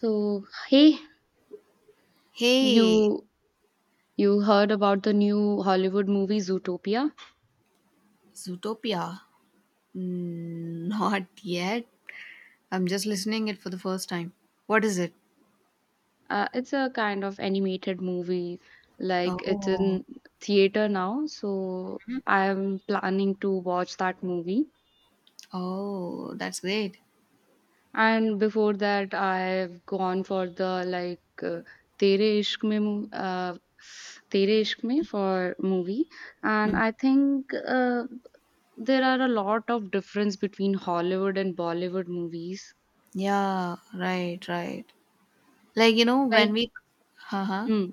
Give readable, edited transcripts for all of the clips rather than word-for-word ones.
So, hey, Hey, you you heard about the new Hollywood movie Zootopia? Zootopia. Mm, Not yet. I'm just listening it for the first time. What is it? It's a kind of animated movie, like it's Oh, in theater now. So I'm planning to watch that movie. oh, that's great. And before that, I've gone for the like Tere Ishq Mein mo- uh, Tere Ishq Mein for movie, and Mm. I think there are a lot of difference between Hollywood and Bollywood movies. Yeah, right, right. Like you know, Like. when we, uh-huh, Mm.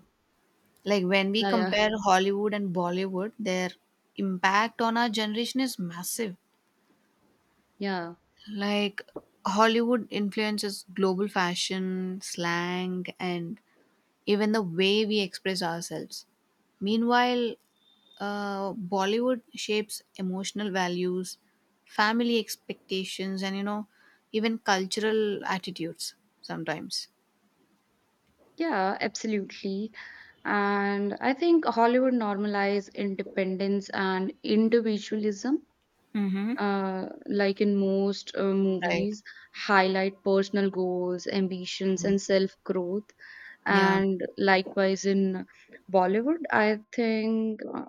like when we Yeah, yeah, compare Hollywood and Bollywood, their impact on our generation is massive. yeah. Like Hollywood influences global fashion, slang, and even the way we express ourselves. Meanwhile, Bollywood shapes emotional values, family expectations, and even cultural attitudes sometimes. Yeah, absolutely. And I think Hollywood normalize independence and individualism. Mm-hmm. Like in most Right. movies, highlight personal goals, ambitions, and self growth. Yeah. And likewise in Bollywood, I think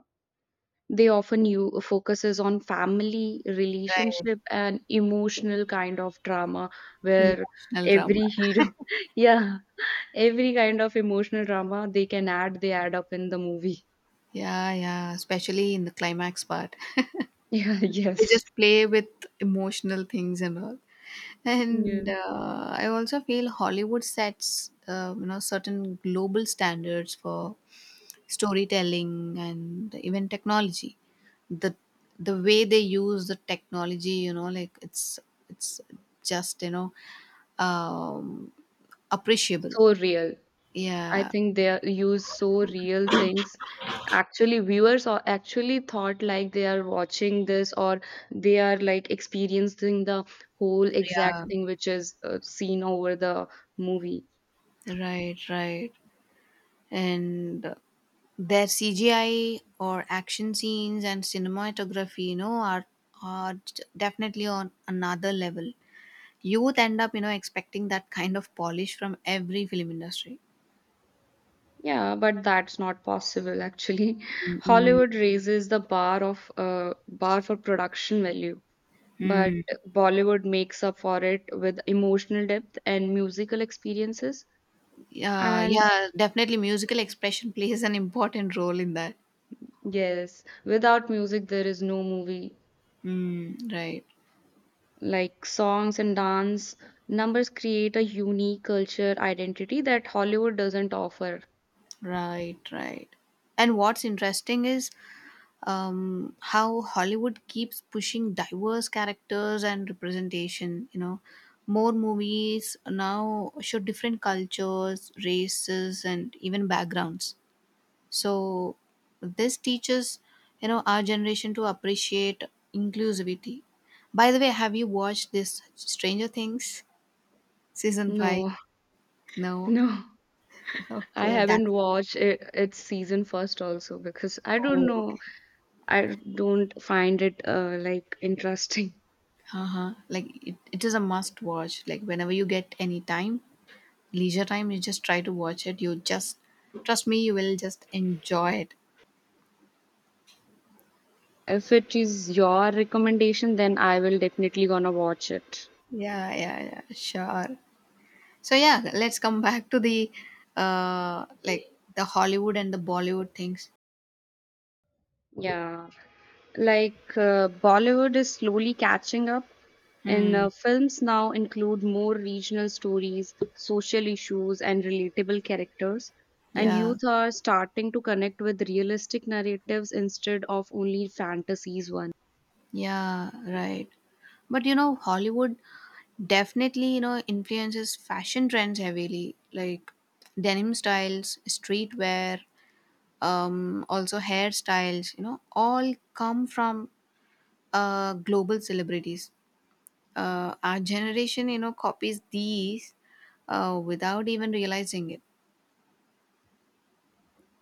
they often you focuses on family, Right. relationship, and emotional kind of drama where Emotional drama. every hero, yeah. Every kind of emotional drama they can add, they add up in the movie. Yeah. Yeah. Especially in the climax part. Yeah, They yes. just play with emotional things and all. And Yeah. I also feel Hollywood sets certain global standards for storytelling and even technology, the the way they use the technology, like it's just um appreciable. So real. I Yeah, think use so real things. Actually, viewers are actually thought like they are watching this or they are like experiencing the whole yeah, exact thing which is seen over the movie. right, right. And their CGI or action scenes and cinematography, you know, are definitely on another level. Youth end up, you know, expecting that kind of polish from every film industry. Yeah, but that's not possible actually. Mm-mm. Hollywood raises the bar for production value. But Mm. Bollywood makes up for it with emotional depth and musical experiences. Yeah, And yeah, definitely. Musical expression plays an important role in that. yes, without music, there is no movie. Mm, right, Like songs and dance, numbers create a unique culture identity that Hollywood doesn't offer. right, right. And what's interesting is how Hollywood keeps pushing diverse characters and representation. You know, more movies now show different cultures, races, and even backgrounds. So, this teaches, you know, our generation to appreciate inclusivity. By the way, have you watched this Stranger Things season 5? No, No? no. I Okay, that's. haven't watched it, its season first also because I don't Oh, know. okay. I don't find it like interesting. Uh-huh. Like, it is a must watch. Like, whenever you get any time, leisure time, you just try to watch it. You just trust me, you will just enjoy it. If it is your recommendation, then I will definitely gonna watch it. Yeah, yeah, yeah, sure. So yeah, let's come back to the like the Hollywood and the Bollywood things. Yeah, like Bollywood is slowly catching up, and Hmm. Films now include more regional stories, social issues, and relatable characters. And Yeah, youth are starting to connect with realistic narratives instead of only fantasies one. yeah, right. But you know, Hollywood definitely, you know, influences fashion trends heavily, like denim styles, streetwear, also hairstyles, you know, all come from global celebrities. Our generation, you know, copies these without even realizing it.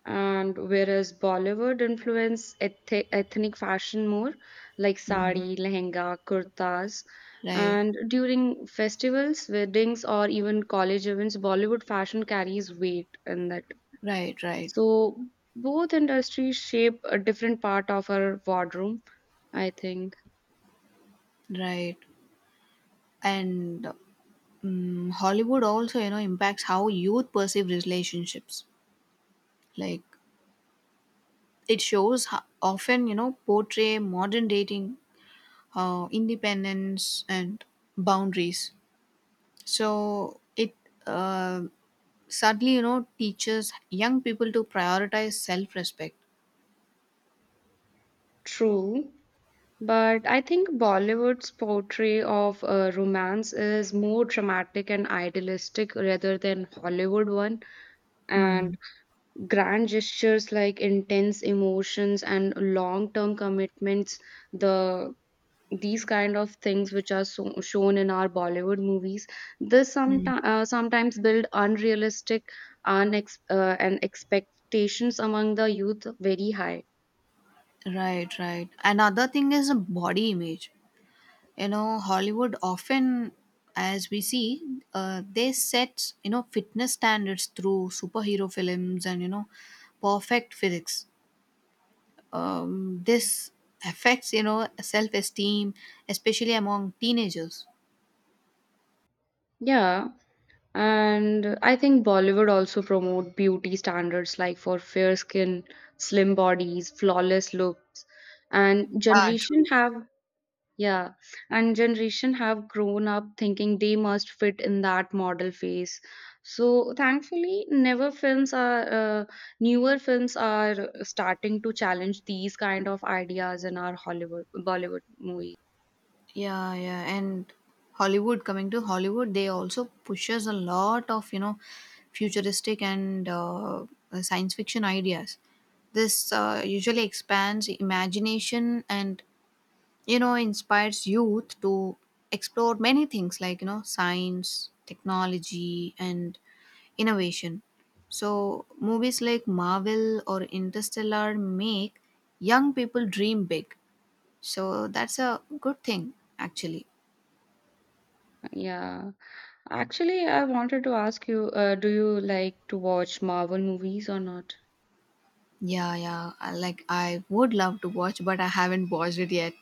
And whereas Bollywood influenced ethnic fashion more, like Mhm. sari, lehenga, kurtas, Right, and during festivals, weddings, or even college events, Bollywood fashion carries weight in that. right, right, So both industries shape a different part of our wardrobe, I think. right. And Hollywood also, you know, impacts how youth perceive relationships. Like it shows how often, you know, portray modern dating, independence, and boundaries. So it uh, sadly, you know, teaches young people to prioritize self respect. True, but I think Bollywood's portray of romance is more dramatic and idealistic rather than Hollywood one. And Mm. grand gestures like intense emotions and long term commitments the these kind of things which are so, shown in our bollywood movies, this sometimes sometimes build unrealistic and expectations among the youth very high. Right, right. Another thing is a body image. You know, Hollywood often, as we see, they set, you know, fitness standards through superhero films and, you know, perfect physics. This affects, you know, self-esteem, especially among teenagers. Yeah, and I think Bollywood also promote beauty standards like for fair skin, slim bodies, flawless looks, and Yeah, generation true. have. Yeah, and generation have grown up thinking they must fit in that model phase. So thankfully, uh, newer films are starting to challenge these kind of ideas in our Hollywood Bollywood movies. Yeah, yeah, and Hollywood, coming to Hollywood, they also pushes a lot of, you know, futuristic and science fiction ideas. This usually expands imagination and, you know, inspires youth to explore many things like, you know, science, technology, and innovation. So, movies like Marvel or Interstellar make young people dream big. So, that's a good thing, actually. Yeah, actually, I wanted to ask you, do you like to watch Marvel movies or not? Yeah, yeah. Like I would love to watch, but I haven't watched it yet.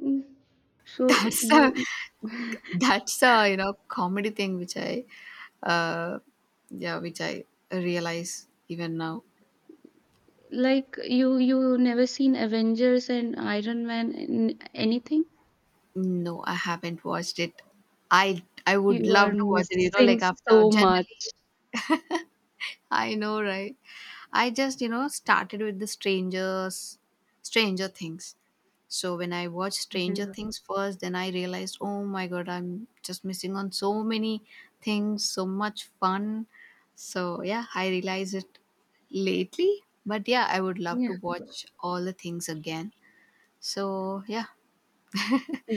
Mm, so That's a you that's a you know comedy thing which I uh yeah which I realize even now. like you never seen Avengers and Iron Man and anything? No, I haven't watched it. I would You are love to watch it. You know, like missing after so generally much. I know, right? I just, you know, started with the strangers, Stranger Things. So when I watched Stranger Yeah. Things first, then I realized, oh my god, I'm just missing on so many things, so much fun. So yeah, I realized it lately. But yeah, I would love Yeah. to watch all the things again. So yeah,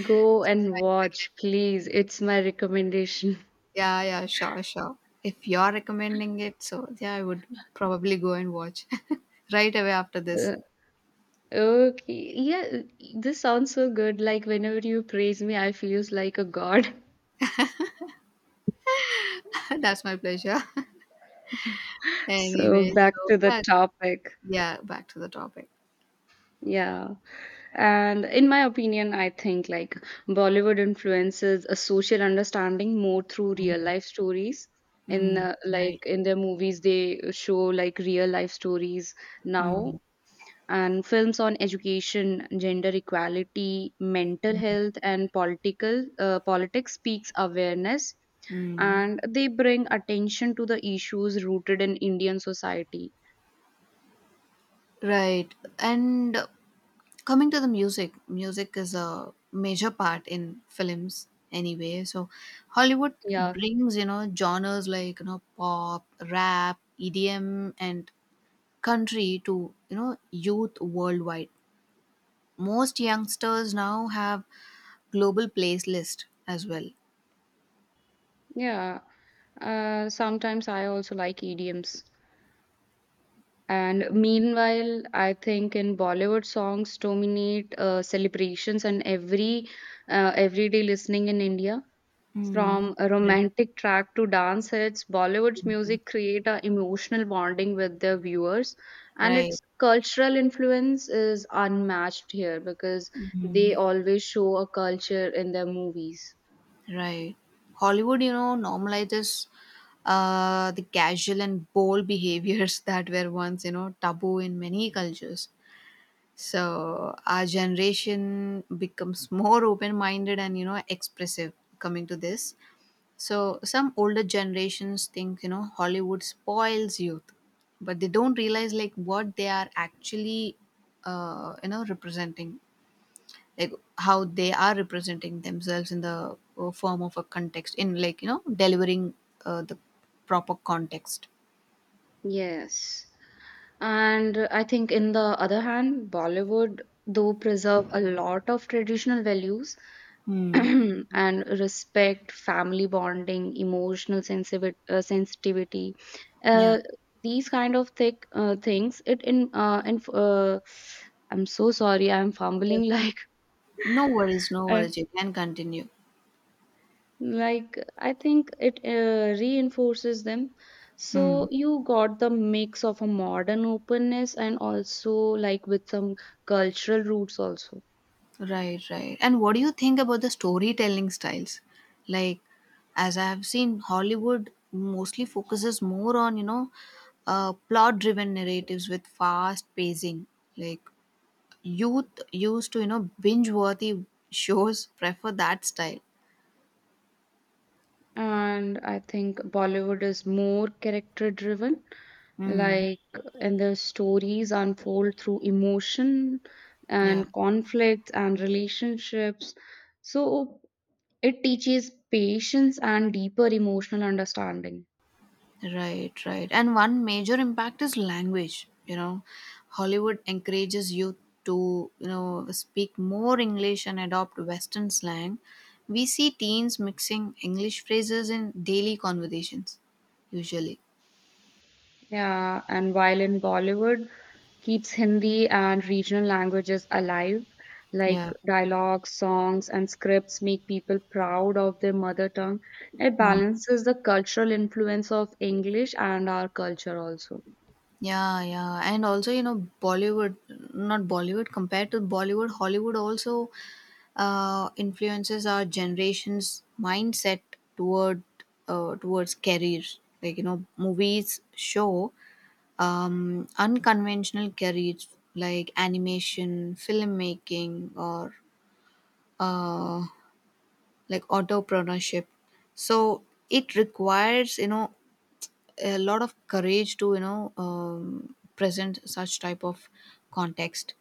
Go so and I need again. watch, please. It's my recommendation. Yeah, yeah, sure, sure. If you're recommending it, so yeah, I would probably go and watch right away after this. Uh, okay. Yeah, this sounds so good. Like whenever you praise me, I feels like a god. That's my pleasure. So Anyway, back so to the yeah, topic. yeah, back to the topic. Yeah. And in my opinion, I think like Bollywood influences a social understanding more through real life stories. In Mm, like right. in their movies, they show like real life stories Mm, now and films on education, gender equality, mental health, and political politics speaks awareness, mm. and they bring attention to the issues rooted in Indian society. Right. And coming to the music, music is a major part in films anyway. So Hollywood Yeah, brings, you know, genres like, you know, pop, rap, EDM and country to, you know, youth worldwide. Most youngsters now have global playlist as well. yeah. Sometimes I also like EDMs. And meanwhile, I think in Bollywood songs dominate celebrations and everyday listening in India. Mm, From a right. romantic track to dance hits, Bollywood's music create a emotional bonding with their viewers, and Right. its cultural influence is unmatched here because they always show a culture in their movies. Right. Hollywood, you know, normalizes the casual and bold behaviors that were once, you know, taboo in many cultures. So our generation becomes more open minded and, you know, expressive coming to this. So some older generations think, you know, Hollywood spoils youth, but they don't realize like what they are actually, you know, representing, like how they are representing themselves in the form of a context in, like, you know, delivering the proper context. Yes. And I think, in the other hand, Bollywood, though, preserve a lot of traditional values, Hmm. and respect, family bonding, emotional sensitivity, sensitivity. Yeah, Uh, these kind of thick things. It in I'm so sorry, I'm yeah, fumbling like no worries, no uh, worries, you can continue. like I think it reinforces them. Hmm. So you got the mix of a modern openness and also like with some cultural roots also. Right, right. And what do you think about the storytelling styles? Like, as I have seen, Hollywood mostly focuses more on, you know, plot driven narratives with fast pacing. Like, youth used to, you know, binge worthy shows prefer that style. And I think Bollywood is more character driven, Mm, like and the stories unfold through emotion yeah, and conflicts and relationships, so it teaches patience and deeper emotional understanding. right, right. And one major impact is language. You know, Hollywood encourages youth to, you know, speak more English and adopt Western slang. We see teens mixing English phrases in daily conversations, usually. Yeah, and while in bollywood keeps hindi and regional languages alive, Yeah. like dialogues, songs, and scripts make people proud of their mother tongue. It Hmm. balances the cultural influence of english and our culture also. Yeah, yeah, and also, you know, Bollywood, not Bollywood, compared to Bollywood, Hollywood also influences our generation's mindset toward towards careers. Like, you know, movies show unconventional careers like animation, filmmaking, or uh, like entrepreneurship. So it requires, you know, a lot of courage to, you know, present such type of context,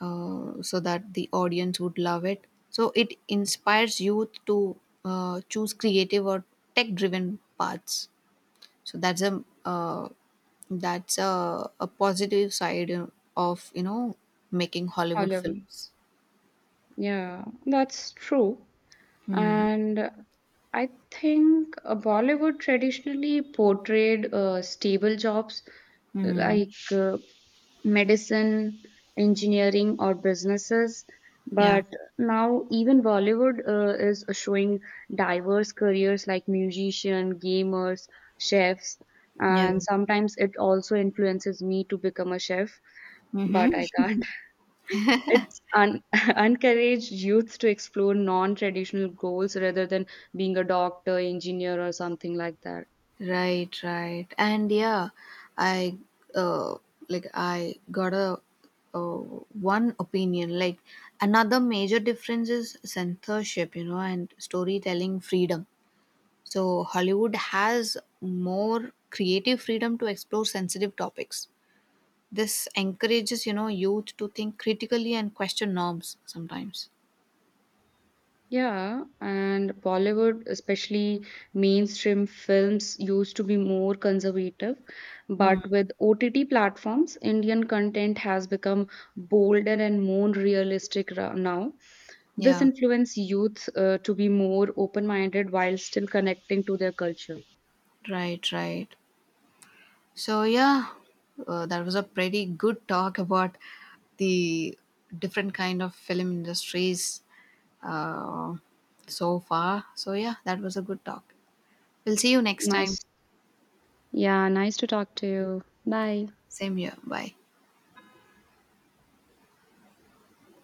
so that the audience would love it. So it inspires youth to choose creative or tech driven paths. So that's a positive side, you know, of, you know, making Hollywood Hollywood. films. Yeah, that's true. And I think Bollywood traditionally portrayed stable jobs Mm, like medicine, engineering, or businesses. yeah, But now, even Bollywood is showing diverse careers like musician, gamers, chefs, yeah. and sometimes it also influences me to become a chef, but I can't. It's un- encouraged youth to explore non-traditional goals rather than being a doctor, engineer, or something like that. Right, right. And yeah, I uh like I got a uh, one opinion. Like another major difference is censorship, you know, and storytelling freedom. So Hollywood has more creative freedom to explore sensitive topics. This encourages, you know, youth to think critically and question norms sometimes. Yeah, and Bollywood, especially mainstream films, used to be more conservative. Hmm. But with OTT platforms, Indian content has become bolder and more realistic now. This Yeah, influences youth to be more open minded while still connecting to their culture. right, right. So yeah, that was a pretty good talk about the different kind of film industries uh, so far. So yeah, that was a good talk. We'll see you next time. Nice. Yeah, nice to talk to you. Bye. Same here. Bye.